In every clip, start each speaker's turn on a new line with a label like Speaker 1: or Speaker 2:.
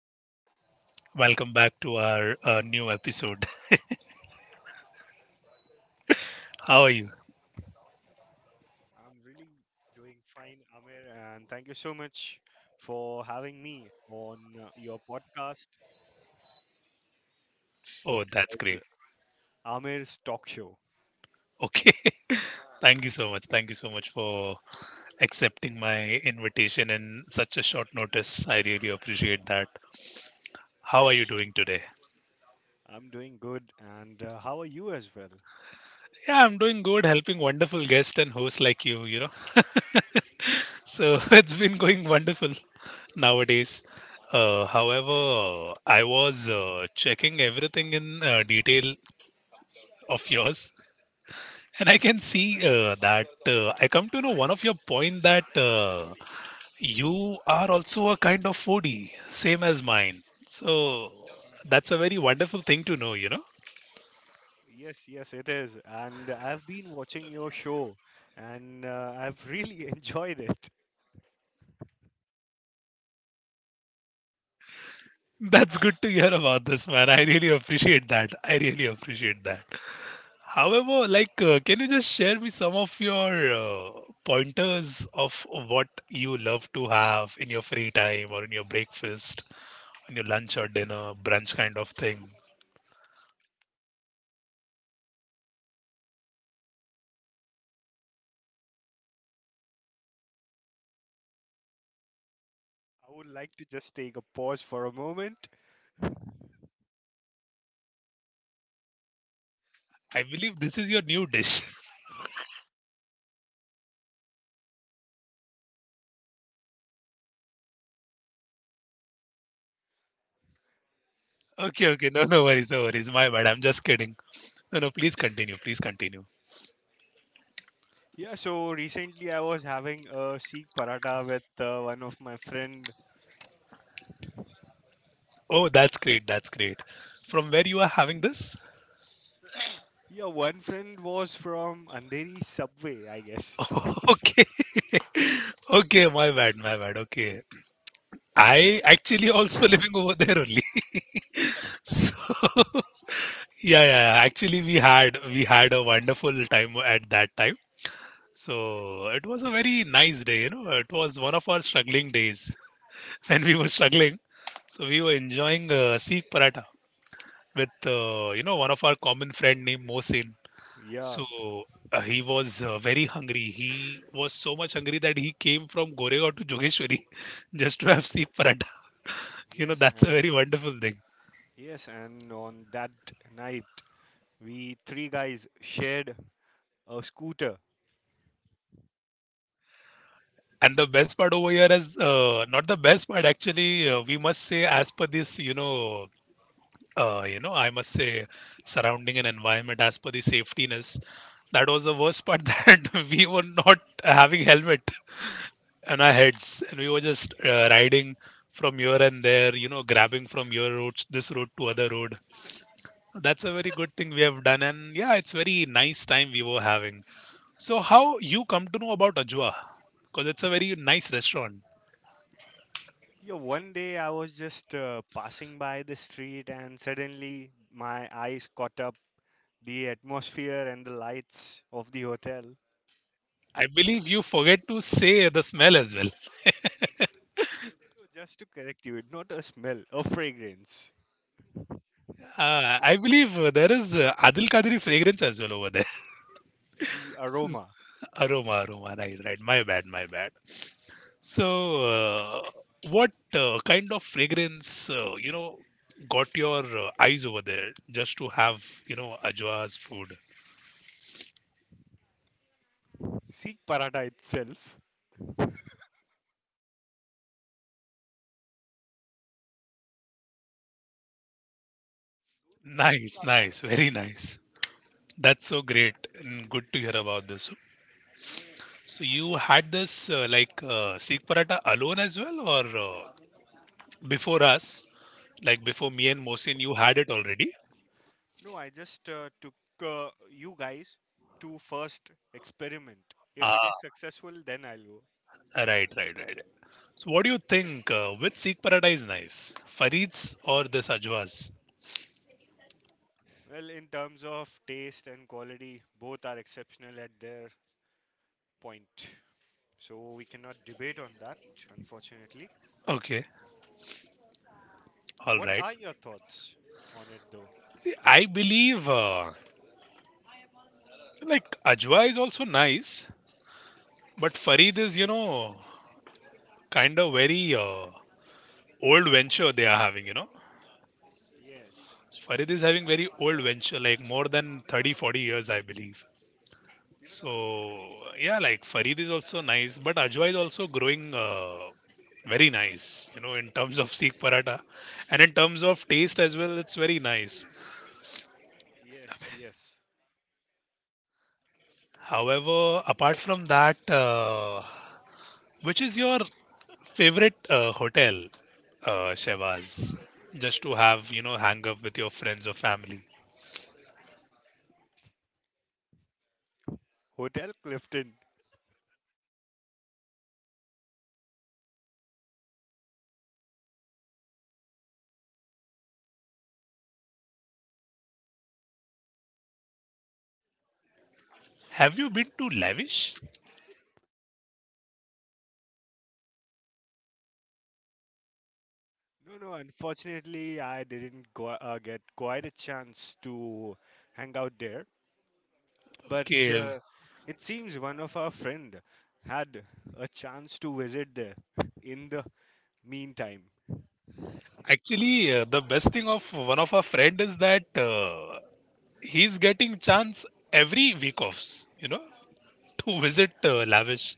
Speaker 1: welcome back to our new episode. How are you?
Speaker 2: I'm really doing fine, Amir, and thank you so much for having me on your podcast, which
Speaker 1: Oh, that's
Speaker 2: is
Speaker 1: great.
Speaker 2: Amir's Talk Show.
Speaker 1: Okay, thank you so much. Thank you so much for accepting my invitation in such a short notice. I really appreciate that. How are you doing today?
Speaker 2: I'm doing good, and how are you as well?
Speaker 1: Yeah, I'm doing good, helping wonderful guests and hosts like you know. So, it's been going wonderful nowadays. However, I was checking everything in detail of yours. And I can see that I come to know one of your point that you are also a kind of foodie, same as mine. So that's a very wonderful thing to know.
Speaker 2: Yes, yes, it is. And I've been watching your show, and I've really enjoyed it.
Speaker 1: That's good to hear about this, man. I really appreciate that. I really appreciate that. However, can you just share me some of your pointers of what you love to have in your free time or in your breakfast, on your lunch or dinner, brunch kind of thing?
Speaker 2: I would like to just take a pause for a moment.
Speaker 1: I believe this is your new dish. Okay, okay. No, no worries, no worries. My bad. I'm just kidding. No, no, please continue. Please continue.
Speaker 2: Yeah, so recently I was having a Sikh paratha with one of my friend.
Speaker 1: Oh, that's great. That's great. From where you are having this?
Speaker 2: Yeah, one friend was from Andheri subway, I guess.
Speaker 1: Okay. Okay, my bad, my bad. Okay. I actually also living over there only. So yeah, yeah, yeah. Actually we had a wonderful time at that time. So it was a very nice day, you know. It was one of our struggling days when we were struggling. So we were enjoying Sikh paratha with one of our common friend named Mohsin.
Speaker 2: Yeah,
Speaker 1: So he was very hungry. He was so much hungry that he came from Goregaon to Jogeshwari just to have seep paratha. You know
Speaker 2: yes,
Speaker 1: that's a
Speaker 2: and
Speaker 1: very wonderful thing.
Speaker 2: yes, and on that night, we three guys shared a scooter.
Speaker 1: And the best part over here is not the best part actually. We must say as per this, I must say surrounding and environment as per the safetyness. That was the worst part that we were not having helmet on our heads and we were just riding from here and there, you know, grabbing from your road, this road to other road. That's a very good thing we have done, and yeah, it's very nice time we were having. So how you come to know about ajwa, because it's a very nice restaurant?
Speaker 2: Yeah, one day I was just passing by the street, and suddenly my eyes caught up the atmosphere and the lights of the hotel.
Speaker 1: I believe you forget to say the smell as well.
Speaker 2: So just to correct you, not a smell, a fragrance,
Speaker 1: I believe there is adil kadiri fragrance as well over there.
Speaker 2: the aroma.
Speaker 1: Aroma, aroma, right, right. My bad, my bad. So, what kind of fragrance, got your eyes over there just to have, you know, Ajwa's food?
Speaker 2: See, paratha itself.
Speaker 1: Nice, nice, very nice. That's so great and good to hear about this. So, you had this Sikh paratha alone as well, or before us, like before me and Mohsin, you had it already?
Speaker 2: No, I just took you guys to first experiment. If it
Speaker 1: Ah,
Speaker 2: is successful, then I'll go.
Speaker 1: right, right, right. So what do you think? Which Sikh paradise nice, Farid's or this Ajwa's?
Speaker 2: Well, in terms of taste and quality, both are exceptional at their point. So we cannot debate on that, unfortunately.
Speaker 1: Okay, all
Speaker 2: What
Speaker 1: right.
Speaker 2: are your thoughts on it, though?
Speaker 1: I believe Ajwa is also nice, but Farid is, kind of very old venture they are having. You know,
Speaker 2: Yes,
Speaker 1: Farid is having very old venture, like more than 30, 40 years, I believe. So yeah, like Farid is also nice, but Ajwa is also growing. Very nice, you know, in terms of sikh paratha, and in terms of taste as well, it's very nice.
Speaker 2: yes, yes.
Speaker 1: However, apart from that, which is your favorite hotel, Shehbaz? Just to have, you know, hang up with your friends or family.
Speaker 2: Hotel Clifton.
Speaker 1: Have you been to Lavish?
Speaker 2: No, no, unfortunately, I didn't go, get quite a chance to hang out there. But
Speaker 1: Okay.
Speaker 2: uh, it seems one of our friend had a chance to visit there in the meantime.
Speaker 1: Actually, the best thing of one of our friend is that he's getting chance every week offs, you know, to visit Lavish.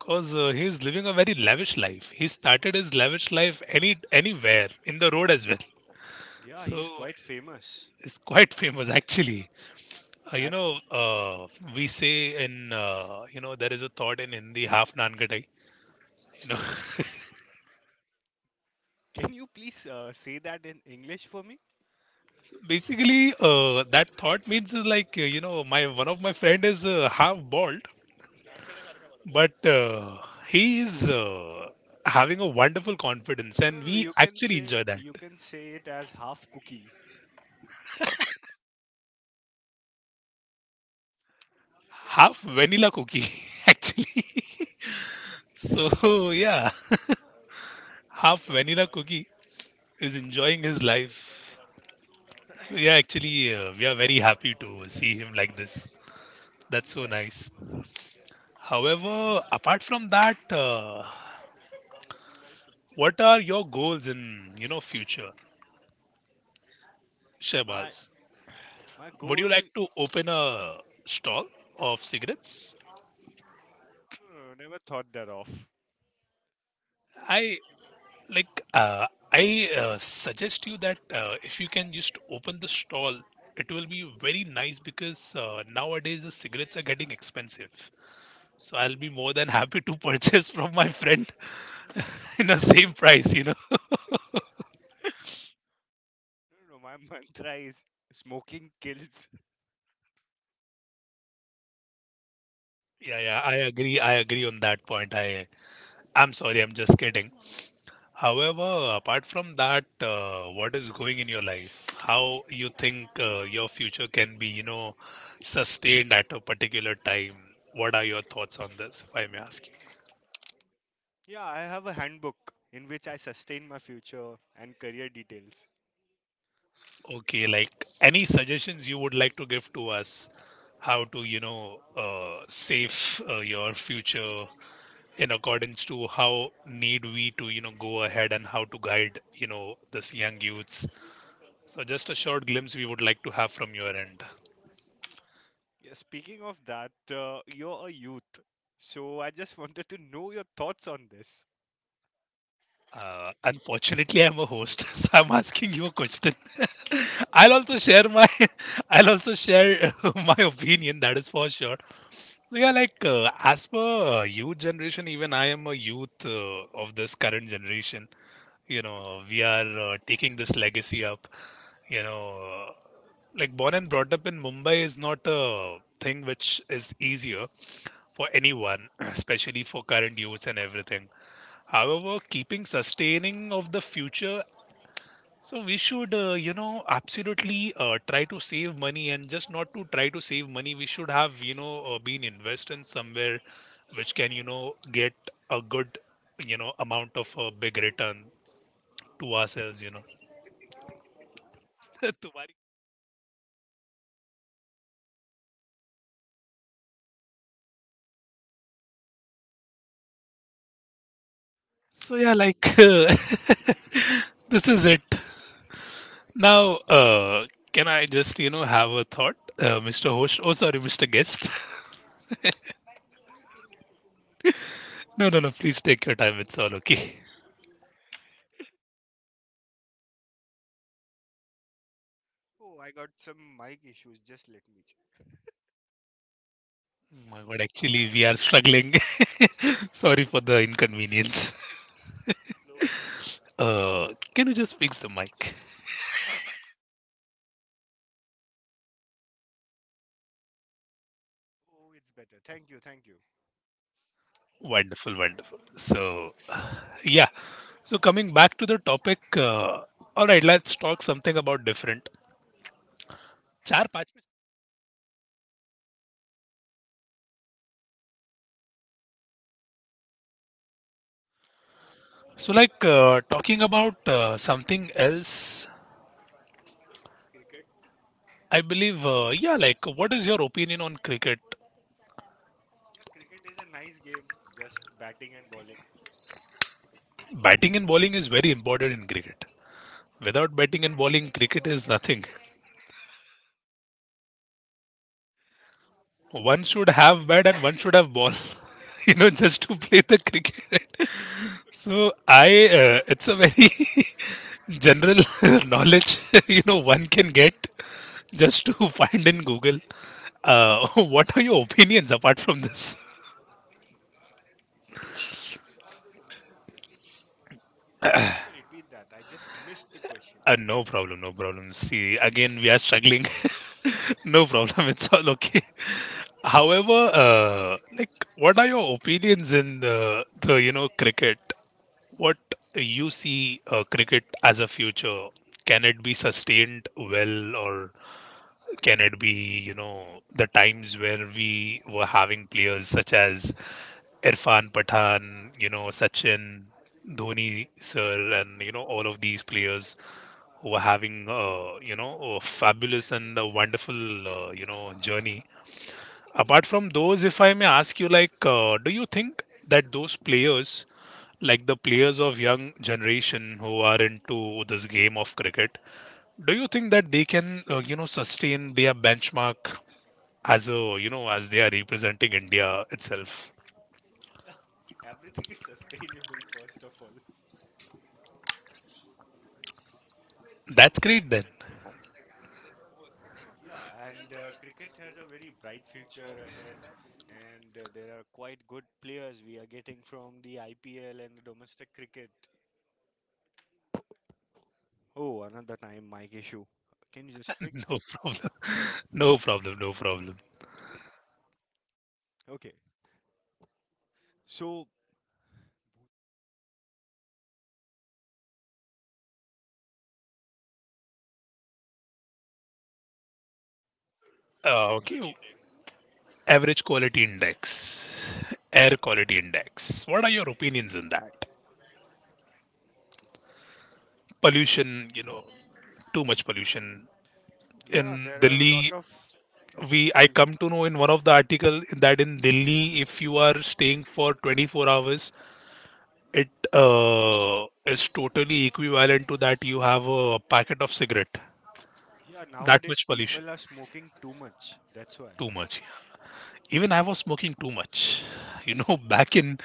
Speaker 1: Cause he's living a very lavish life. He started his lavish life anywhere in the road as well.
Speaker 2: Yeah, he's
Speaker 1: So
Speaker 2: quite famous
Speaker 1: is quite famous actually. Uh, you
Speaker 2: at.
Speaker 1: know, uh, we say in, there is a thought in Hindi, half naan kadai. You know,
Speaker 2: Can you please say that in English for me?
Speaker 1: basically that thought means my one of my friend is half bald, but he is having a wonderful confidence,
Speaker 2: no
Speaker 1: and
Speaker 2: no
Speaker 1: we
Speaker 2: you can
Speaker 1: actually
Speaker 2: say,
Speaker 1: enjoy that.
Speaker 2: you can say it as half cookie.
Speaker 1: Half vanilla cookie actually. so yeah, half vanilla cookie is enjoying his life. Yeah, actually, we are very happy to see him like this. That's so
Speaker 2: Yes,
Speaker 1: nice. However, apart from that, what are your goals in, future,
Speaker 2: my
Speaker 1: Shehbaz?
Speaker 2: my
Speaker 1: Would
Speaker 2: goal,
Speaker 1: you
Speaker 2: no.
Speaker 1: like to open a stall of cigarettes?
Speaker 2: No, never thought that off.
Speaker 1: I like. I suggest you that if you can just open the stall, it will be very nice because nowadays the cigarettes are getting expensive. So I'll be more than happy to purchase from my friend in the same price. You know.
Speaker 2: No, my mantra is smoking kills.
Speaker 1: Yeah, yeah, I agree. I agree on that point. I'm sorry, I'm just kidding. However, apart from that, what is going in your life? How you think your future can be, you know, sustained at a particular time? What are your thoughts on this, if I may ask you?
Speaker 2: Yeah, I have a handbook in which I sustain my future and career details.
Speaker 1: Okay, like any suggestions you would like to give to us? How to, save your future in accordance to how need we to, you know, go ahead and how to guide, you know, this young youths. So, just a short glimpse we would like to have from your end.
Speaker 2: Yeah, speaking of that, you're a youth, so I just wanted to know your thoughts on this.
Speaker 1: Unfortunately, I'm a host, so I'm asking you a question. I'll also share my, I'll also share my opinion. That is for sure. So yeah, like as per youth generation, even I am a youth of this current generation. You know, we are taking this legacy up. You know, uh, like born and brought up in Mumbai is not a thing which is easier for anyone, especially for current youths and everything. However, keeping sustaining of the future, so we should, absolutely try to save money and just not to try to save money. We should have, you know, been invested in somewhere which can, you know, get a good, you know, amount of a big return to ourselves, you know. तुम्हारी- so yeah, like this is it. Now, can I just, you know, have a thought, Mr. Host? Oh, sorry, Mr. Guest. no, no, no. Please take your time. It's all okay.
Speaker 2: Oh, I got some mic issues. Just let me check.
Speaker 1: Oh my god, actually, we are struggling. Sorry for the inconvenience. Uh, can you just fix the mic?
Speaker 2: Oh, it's better. Thank you, thank you.
Speaker 1: Wonderful, wonderful. So, yeah. So, coming back to the topic, all right, let's talk something about different. Char paanch mein- so, like talking about something else, I believe, yeah, like what is your opinion on cricket?
Speaker 2: Yeah, cricket is a nice game, just batting and bowling.
Speaker 1: Batting and bowling is very important in cricket. Without batting and bowling, cricket is nothing. One should have bat and one should have ball, you know, just to play the cricket. So i, it's a very general knowledge, you know, one can get just to find in google. What are your opinions apart from this?
Speaker 2: Yeah, can you repeat that? I just missed the question.
Speaker 1: No problem, no problem, see again we are struggling. no problem, it's all okay. However, like what are your opinions in the you know cricket? What you see cricket as a future? Can it be sustained well, or can it be, you know, the times where we were having players such as Irfan Pathan, you know, Sachin, Dhoni, sir, and you know all of these players who were having, a fabulous and a wonderful, journey. Apart from those, if I may ask you, do you think that those players, like the players of young generation who are into this game of cricket, do you think that they can sustain their benchmark as a, as they are representing india itself?
Speaker 2: Yeah, everything is sustainable, first of all.
Speaker 1: That's great then.
Speaker 2: Yeah, and cricket has a very bright future ahead, and there are quite good players we are getting from the IPL and the domestic cricket. Oh, another time mic issue. Can you just
Speaker 1: no
Speaker 2: fix?
Speaker 1: problem. no problem, no problem.
Speaker 2: Okay. So,
Speaker 1: Uh, okay, average quality index, air quality index, what are your opinions on that? Pollution, you know, too much pollution in
Speaker 2: yeah, there are a lot
Speaker 1: delhi.
Speaker 2: of.
Speaker 1: We I
Speaker 2: Mm.
Speaker 1: come to know in one of the article that in Delhi, if you are staying for 24 hours, it is totally equivalent to that you have a packet of cigarette.
Speaker 2: Yeah,
Speaker 1: That
Speaker 2: nowadays
Speaker 1: much pollution,
Speaker 2: people are smoking too much. That's why.
Speaker 1: too much. Even I was smoking too much. You know, back in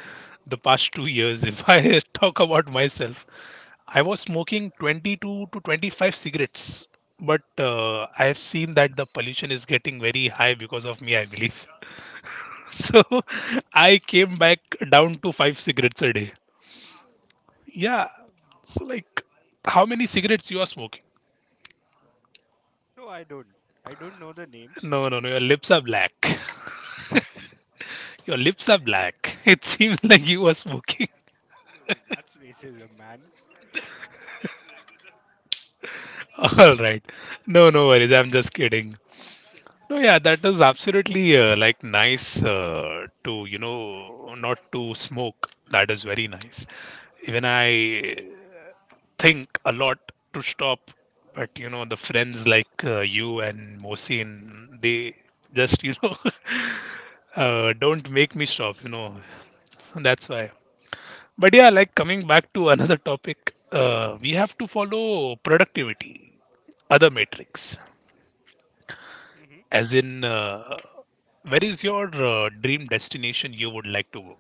Speaker 1: the past 2 years, if I talk about myself, I was smoking 22 to 25 cigarettes. But I have seen that the pollution is getting very high because of me, I believe. So I came back down to five cigarettes a day. Yeah. So, like, how many cigarettes you are smoking?
Speaker 2: No, I don't. I don't know the names.
Speaker 1: No, no, no. Your lips are black. Your lips are black. It seems like you are smoking.
Speaker 2: No, no, that's racism, man.
Speaker 1: All right. No, no worries. I'm just kidding. No, yeah, that is absolutely like nice to not to smoke. That is very nice. Even I think a lot to stop, but you know the friends like, you and Mohsin, they just, you know, don't make me stop, you know, so that's why. But yeah, like, coming back to another topic, we have to follow productivity, other metrics,
Speaker 2: Hmm.
Speaker 1: as in where is your dream destination you would like to go?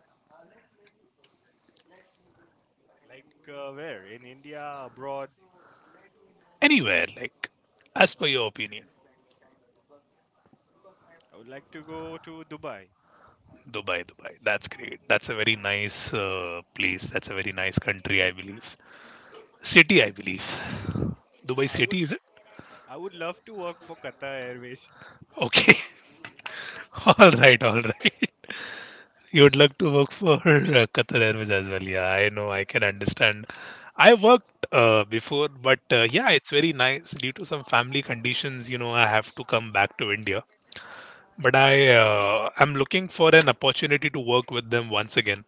Speaker 2: Like, where? In India, abroad?
Speaker 1: Anywhere, like, as per your opinion?
Speaker 2: I would like to go to Dubai.
Speaker 1: Dubai, Dubai. That's great. That's a very nice place. That's a very nice country, I believe. City, I believe.
Speaker 2: Yeah,
Speaker 1: Dubai
Speaker 2: I would.
Speaker 1: City, is it?
Speaker 2: I would love to work for Qatar Airways.
Speaker 1: Okay. All right, all right. You would like to work for Qatar Airways as well. Yeah, I know. I can understand. I worked before, but yeah, it's very nice. Due to some family conditions, I have to come back to India. But I'm looking for an opportunity to work with them once again.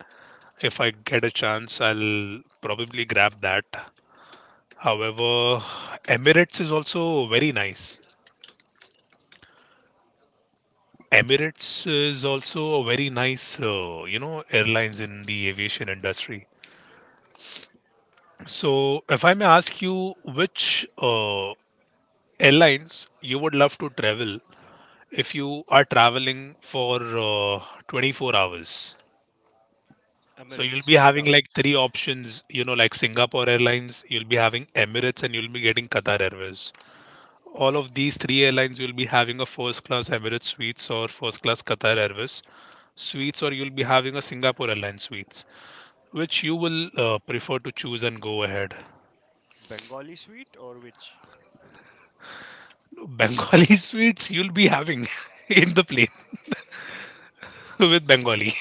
Speaker 1: If I get a chance, I'll probably grab that. However, Emirates is also very nice. Emirates is also a very nice, airlines in the aviation industry. So, if I may ask you, which airlines you would love to travel if you are traveling for 24 hours? So you'll
Speaker 2: Emirates,
Speaker 1: be
Speaker 2: no
Speaker 1: having
Speaker 2: doubt.
Speaker 1: like three options, like Singapore Airlines, you'll be having Emirates, and you'll be getting Qatar Airways. All of these three airlines, you'll be having a first class Emirates Suites or first class Qatar Airways Suites, or you'll be having a Singapore Airlines Suites, which you will prefer to choose and go ahead.
Speaker 2: Bengali sweet or which?
Speaker 1: Bengali Suites you'll be having in the plane with Bengali,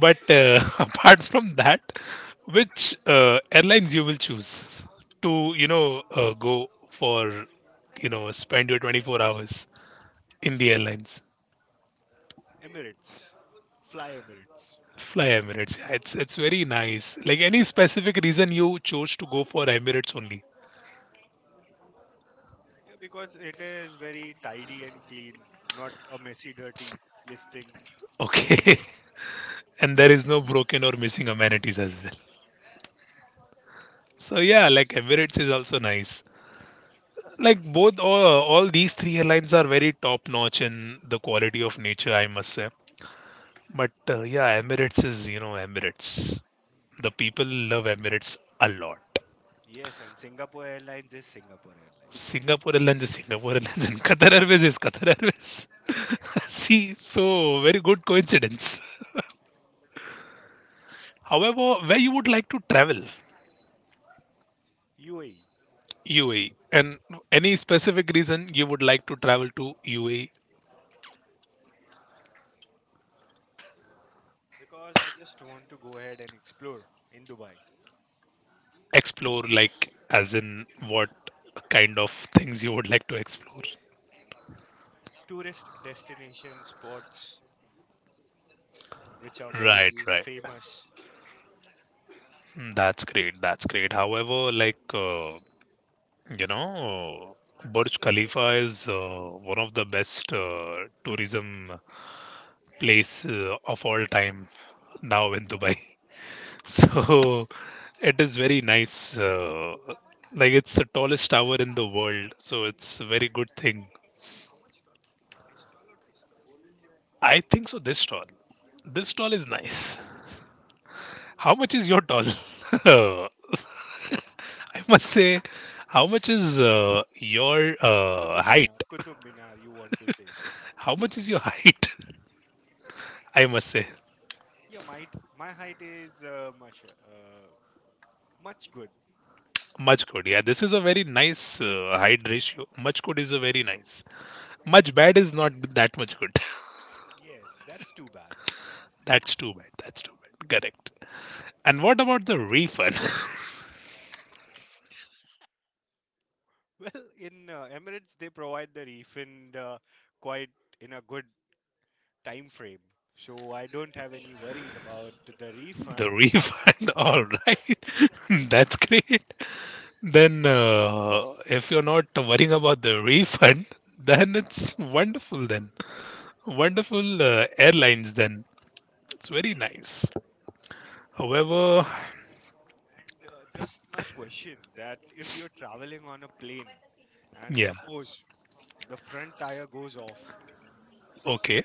Speaker 1: but apart from that, which airlines you will choose to go for, spend your 24 hours in the airlines?
Speaker 2: Emirates. Fly Emirates.
Speaker 1: Fly Emirates. Yeah, it's very nice. Like, any specific reason you chose to go for Emirates only?
Speaker 2: Yeah, because it is very tidy and clean, not a messy, dirty listing.
Speaker 1: Okay. And there is no broken or missing amenities as well. So yeah, like, Emirates is also nice. Like both all these three airlines are very top notch in the quality of nature, I must say. But yeah, Emirates is Emirates. The people love Emirates a lot.
Speaker 2: Yes, and Singapore Airlines is Singapore Airlines.
Speaker 1: Singapore Airlines is Singapore Airlines, and Qatar Airways is Qatar Airways. See, so very good coincidence. However, where you would like to travel?
Speaker 2: UAE,
Speaker 1: UAE, and any specific reason you would like to travel to UAE?
Speaker 2: because I just want to go ahead and explore in Dubai.
Speaker 1: Explore, like, as in what kind of things you would like to explore?
Speaker 2: Tourist destination spots which are
Speaker 1: Right,
Speaker 2: very
Speaker 1: right.
Speaker 2: famous.
Speaker 1: Mm, that's great. That's great. However, like, you know, Burj Khalifa is one of the best tourism place of all time now in Dubai. So it is very nice. Like, it's the tallest tower in the world, so it's a very good thing. I think so. This tall is nice. How much is your tall? I must say, how much is your
Speaker 2: Qutub Minar,
Speaker 1: height?
Speaker 2: Qutub Minar, you want to say.
Speaker 1: How much is your height? I must say,
Speaker 2: Yeah, my. My height is much, much good.
Speaker 1: much good. Yeah, this is a very nice height ratio. Much good is a very nice. Much bad is not that much good.
Speaker 2: Yes, that's too bad.
Speaker 1: That's too bad. That's too bad. Correct. And what about the refund?
Speaker 2: Well, in Emirates, they provide the refund quite in a good time frame. So I don't have any worries about the refund.
Speaker 1: The refund,
Speaker 2: And
Speaker 1: all right. That's great. Then, if you're not worrying about the refund, then it's wonderful, then. Wonderful airlines, then. It's very nice. However,
Speaker 2: just my question that if you're traveling on a plane and
Speaker 1: yeah,
Speaker 2: suppose the front tire goes off,
Speaker 1: okay.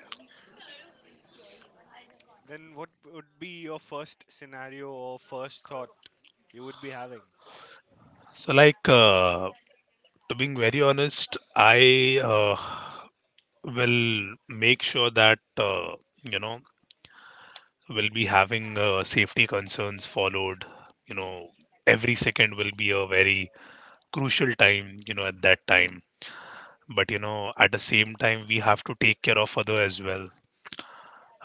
Speaker 2: then what would be your first scenario or first thought you would be having?
Speaker 1: So, like, to being very honest, I will make sure that, you know, will be having safety concerns followed, you know every second will be a very crucial time, at that time. But at the same time we have to take care of other as well.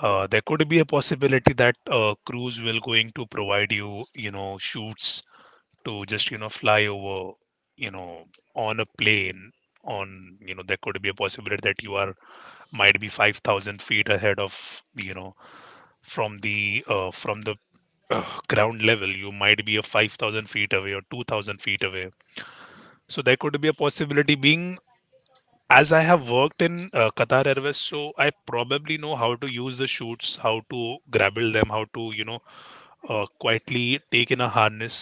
Speaker 1: There could be a possibility that crews will going to provide you, you know shoots to just, fly over, you know on a plane on, there could be a possibility that you are might be 5,000 feet ahead of, from the from the ground level, you might be a 5,000 feet away or 2,000 feet away. So there could be a possibility being, as I have worked in Qatar Airways, so I probably know how to use the chutes, how to grapple them, how to quietly take in a harness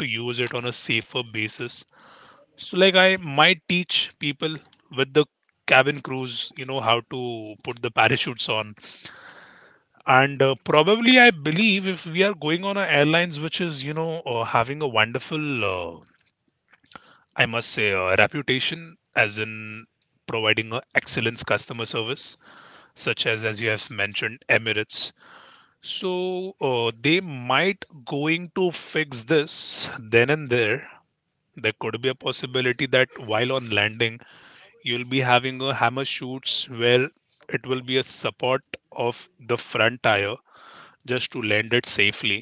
Speaker 1: to use it on a safer basis. So, like, I might teach people with the cabin crews, you know how to put the parachutes on. And probably I believe if we are going on a airlines which is having a wonderful, I must say, reputation as in providing excellence customer service, such as you have mentioned Emirates. So, they might going to fix this then and there. There could be a possibility that while on landing you'll be having a hammer shoots, where it will be a support of the front tire, just to land it safely.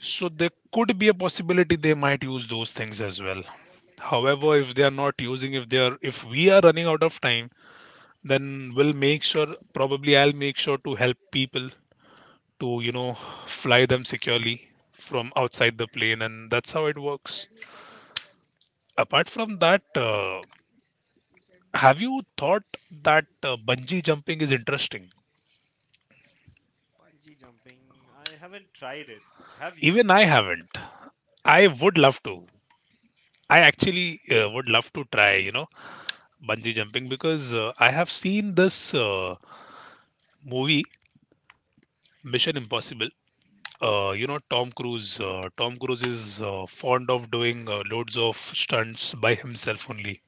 Speaker 1: So there could be a possibility they might use those things as well. However, if they are not using, if they are, if we are running out of time, then we'll make sure. Probably, I'll make sure to help people to fly them securely from outside the plane, and that's how it works. Apart from that, have you thought that bungee jumping is interesting?
Speaker 2: Bungee jumping, I haven't tried it. Have you?
Speaker 1: Even I haven't. I would love to. I actually would love to try. You know bungee jumping because I have seen this movie Mission Impossible. You
Speaker 2: Yes.
Speaker 1: know Tom Cruise. Tom Cruise is fond of doing loads of stunts by himself only.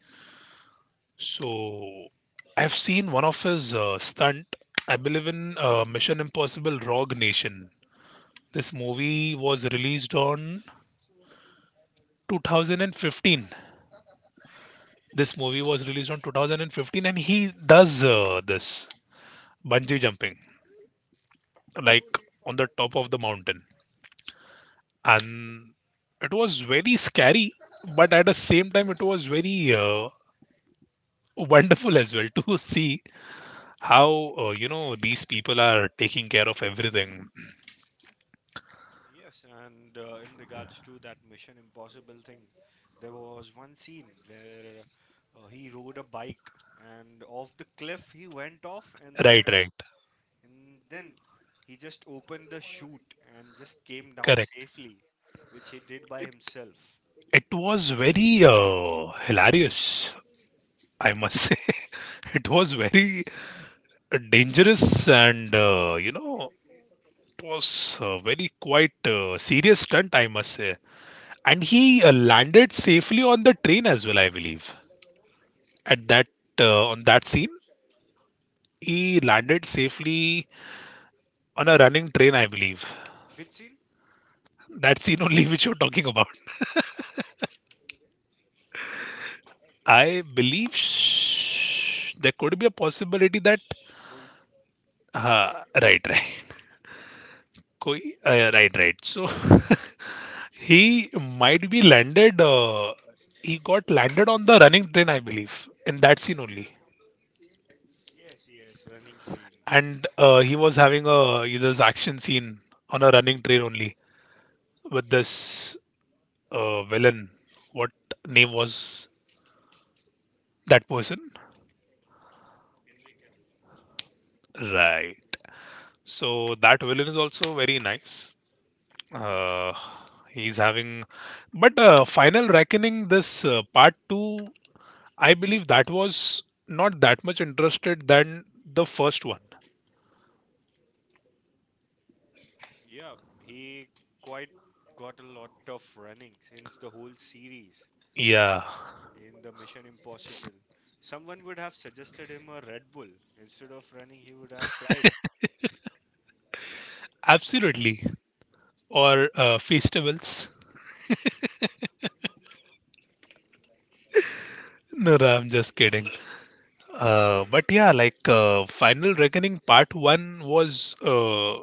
Speaker 1: So I've seen one of his stunt. I believe in Mission Impossible: Rogue Nation. This movie was released on 2015. This movie was released on 2015, and he does this bungee jumping, like, on the top of the mountain, and it was very scary, but at the same time it was very wonderful as well, to see how these people are taking care of everything.
Speaker 2: Yes, and in regards to that Mission Impossible thing, there was one scene where he rode a bike and off the cliff he went off and
Speaker 1: Right,
Speaker 2: there,
Speaker 1: right.
Speaker 2: and then he just opened the chute and just came down
Speaker 1: Correct,
Speaker 2: safely, which he did by
Speaker 1: it
Speaker 2: himself.
Speaker 1: was very hilarious, I must say. It was very dangerous, and it was a very quite serious stunt, I must say. And he landed safely on the train as well, I believe. At that, on that scene, he landed safely on a running train, I believe.
Speaker 2: Which scene?
Speaker 1: That scene only, which you're talking about. I believe, there could be a possibility that,
Speaker 2: Sh- Koi.
Speaker 1: uh, right, right. Koi, right, right. So he might be landed uh, he got landed on the running train, I believe, in that scene only.
Speaker 2: Yes, yes, running scene.
Speaker 1: And he was having a this action scene on a running train only with this villain. What name was that person? Right. So that villain is also very nice. Uh, he's having, but final reckoning, this part two. I believe that was not that much interested than the first one.
Speaker 2: Yeah, he quite got a lot of running since the whole series,
Speaker 1: Yeah,
Speaker 2: in the Mission Impossible. Someone would have suggested him a Red Bull. Instead of running, he would have flied.
Speaker 1: absolutely. Or festivals. No, no, I'm just kidding. But yeah, like, Final Reckoning Part One was,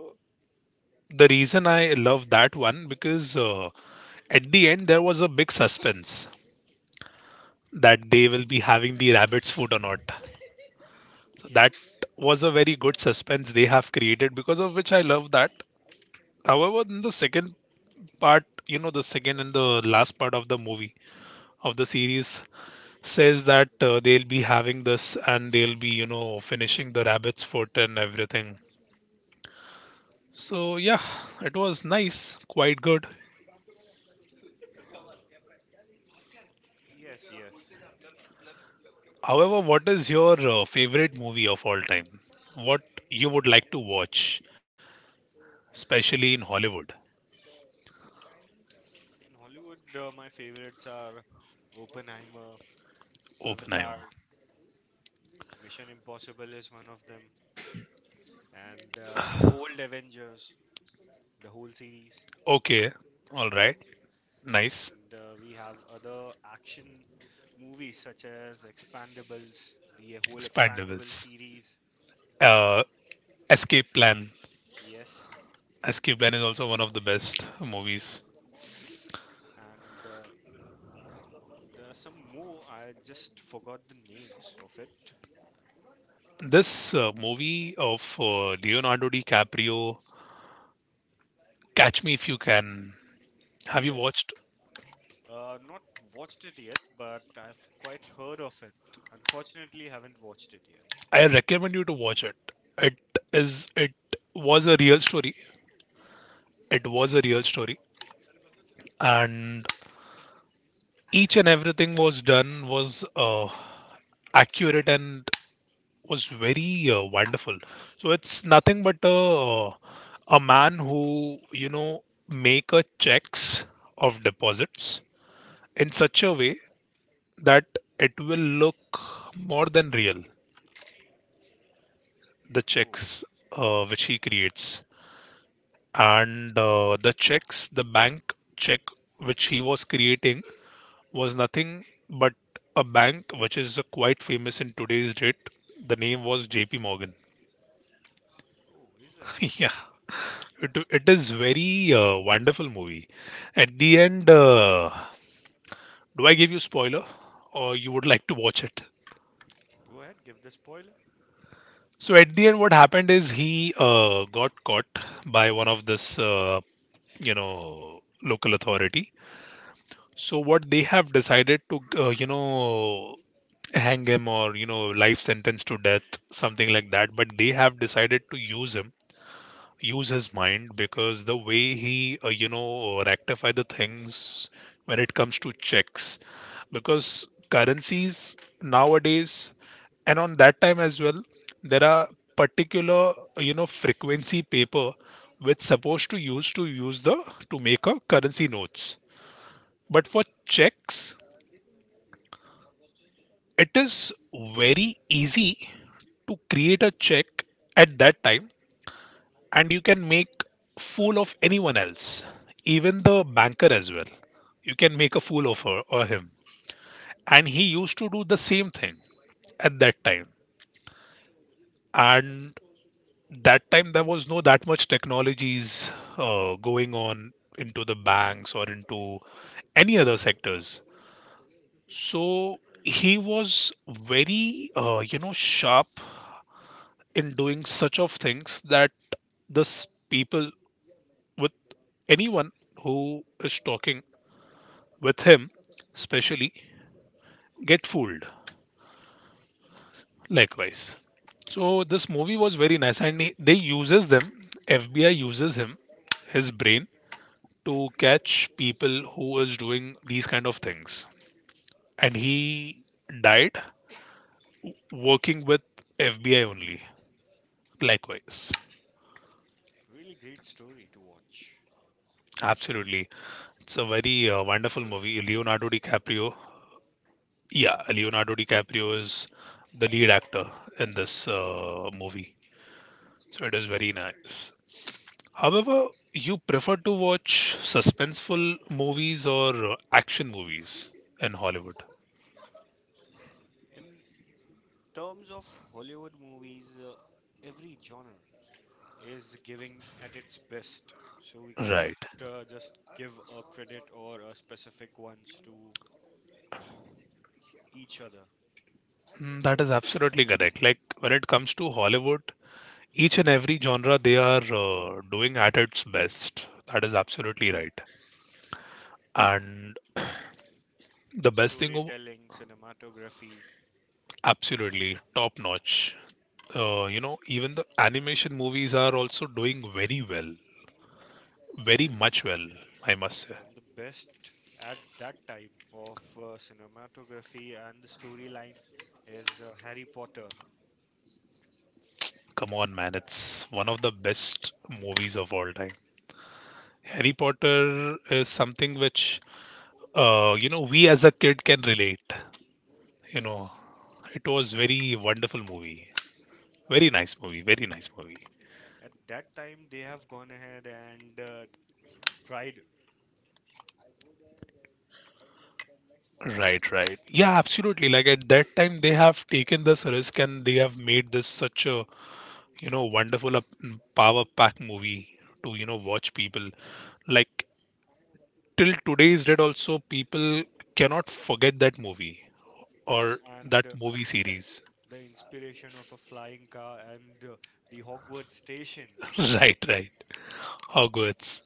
Speaker 1: the reason I love that one because at the end there was a big suspense that they will be having the rabbit's foot or not. So that
Speaker 2: Yes.
Speaker 1: was a very good suspense they have created, because of which I love that. However, in the second part, the second and the last part of the movie, of the series, says that they'll be having this and they'll be, finishing the rabbit's foot and everything. So yeah, it was nice, quite good.
Speaker 2: Yes, yes.
Speaker 1: However, what is your favorite movie of all time? What you would like to watch, especially in Hollywood?
Speaker 2: In Hollywood, my favorites are Oppenheimer, Avatar,
Speaker 1: Oppenheimer.
Speaker 2: Mission Impossible is one of them, and the old Avengers, the whole series.
Speaker 1: Okay, all right, nice.
Speaker 2: And we have other action movies such as Expandables, the whole Expandable
Speaker 1: Expendables.
Speaker 2: series.
Speaker 1: Uh, Escape Plan.
Speaker 2: Yes.
Speaker 1: Escape Plan is also one of the best movies.
Speaker 2: And there's some more. I just forgot the names of it.
Speaker 1: This movie of Leonardo DiCaprio, Catch Me If You Can. Have you
Speaker 2: Yes.
Speaker 1: watched?
Speaker 2: Not watched it yet, but I've quite heard of it. Unfortunately, haven't watched it yet.
Speaker 1: I recommend you to watch it. It is. It was a real story. It was a real story, and each and everything was done was accurate and was very wonderful. So it's nothing but uh, a man who, make a checks of deposits in such a way that it will look more than real, the
Speaker 2: Oh,
Speaker 1: checks which he creates. And the checks, the bank check which he was creating was nothing but a bank which is quite famous in today's date. The name was J.P. Morgan.
Speaker 2: oh, is it?
Speaker 1: Yeah, it is very wonderful movie. At the end, do I give you spoiler, or you would like to watch it?
Speaker 2: Go ahead, give the spoiler.
Speaker 1: So at the end, what happened is he got caught by one of this, local authority. So what they have decided to, hang him, or life sentence to death, something like that, but they have decided to use him, use his mind, because the way he rectify the things when it comes to checks. Because currencies nowadays, and on that time as well, there are particular, frequency paper which supposed to use, to use the to make a currency notes. But for checks, it is very easy to create a check at that time, and you can make fool of anyone else, even the banker as well. You can make a fool of her or him. And he used to do the same thing at that time. And that time there was no that much technologies going on into the banks or into any other sectors. So he was very, sharp in doing such of things, that this people, with anyone who is talking with him especially, get fooled, likewise. So this movie was very nice, and they uses them, FBI uses him, his brain, to catch people who is doing these kind of things. And he died working with FBI only, likewise.
Speaker 2: Really great story to watch.
Speaker 1: Absolutely, it's a very wonderful movie, Leonardo DiCaprio. Yeah, Leonardo DiCaprio is the lead actor in this movie. So it is very nice. However, you prefer to watch suspenseful movies or action movies in Hollywood?
Speaker 2: In terms of Hollywood movies, every genre is giving at its best. So we cannot
Speaker 1: Right.
Speaker 2: just give a credit or a specific ones to each other.
Speaker 1: Mm, that is absolutely correct. Like, when it comes to Hollywood, each and every genre they are doing at its best. That is absolutely right. And the
Speaker 2: The
Speaker 1: best thing,
Speaker 2: storytelling, cinematography,
Speaker 1: absolutely top notch. Even the animation movies are also doing very well, very
Speaker 2: and
Speaker 1: much well, I must say.
Speaker 2: and the best at that time of cinematography and the storyline is Harry Potter.
Speaker 1: Come on, man, it's one of the best movies of all time. Harry Potter is something which, we as a kid can relate. You know,
Speaker 2: Yes.
Speaker 1: it was very wonderful movie, very
Speaker 2: At
Speaker 1: nice movie, very nice movie.
Speaker 2: at that time, they have gone ahead and tried.
Speaker 1: Right, right. Yeah, absolutely. Like, at that time, they have taken this risk, and they have made this such a wonderful, a power pack movie to watch people, like, till today's date also people cannot forget that movie,
Speaker 2: Yes,
Speaker 1: or
Speaker 2: and
Speaker 1: that movie series.
Speaker 2: the inspiration of a flying car and the Hogwarts station.
Speaker 1: Right, right, Hogwarts.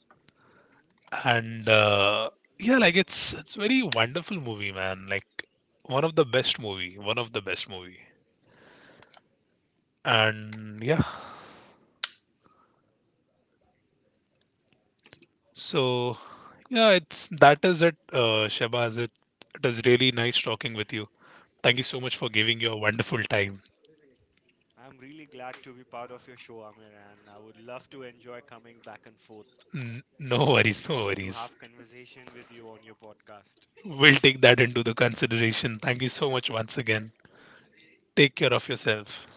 Speaker 1: And yeah, like, it's very wonderful movie, man, like, one of the best movie, one of the best movie. And yeah. So, yeah, it's that is it, Shabaz. It is really nice talking with you. Thank you so much for giving your wonderful time.
Speaker 2: I'm really glad to be part of your show, Amir, and I would love to enjoy coming back and forth
Speaker 1: No worries, no
Speaker 2: to
Speaker 1: worries.
Speaker 2: have conversation with you on your podcast.
Speaker 1: We'll take that into the consideration. Thank you so much once again. Take care of yourself.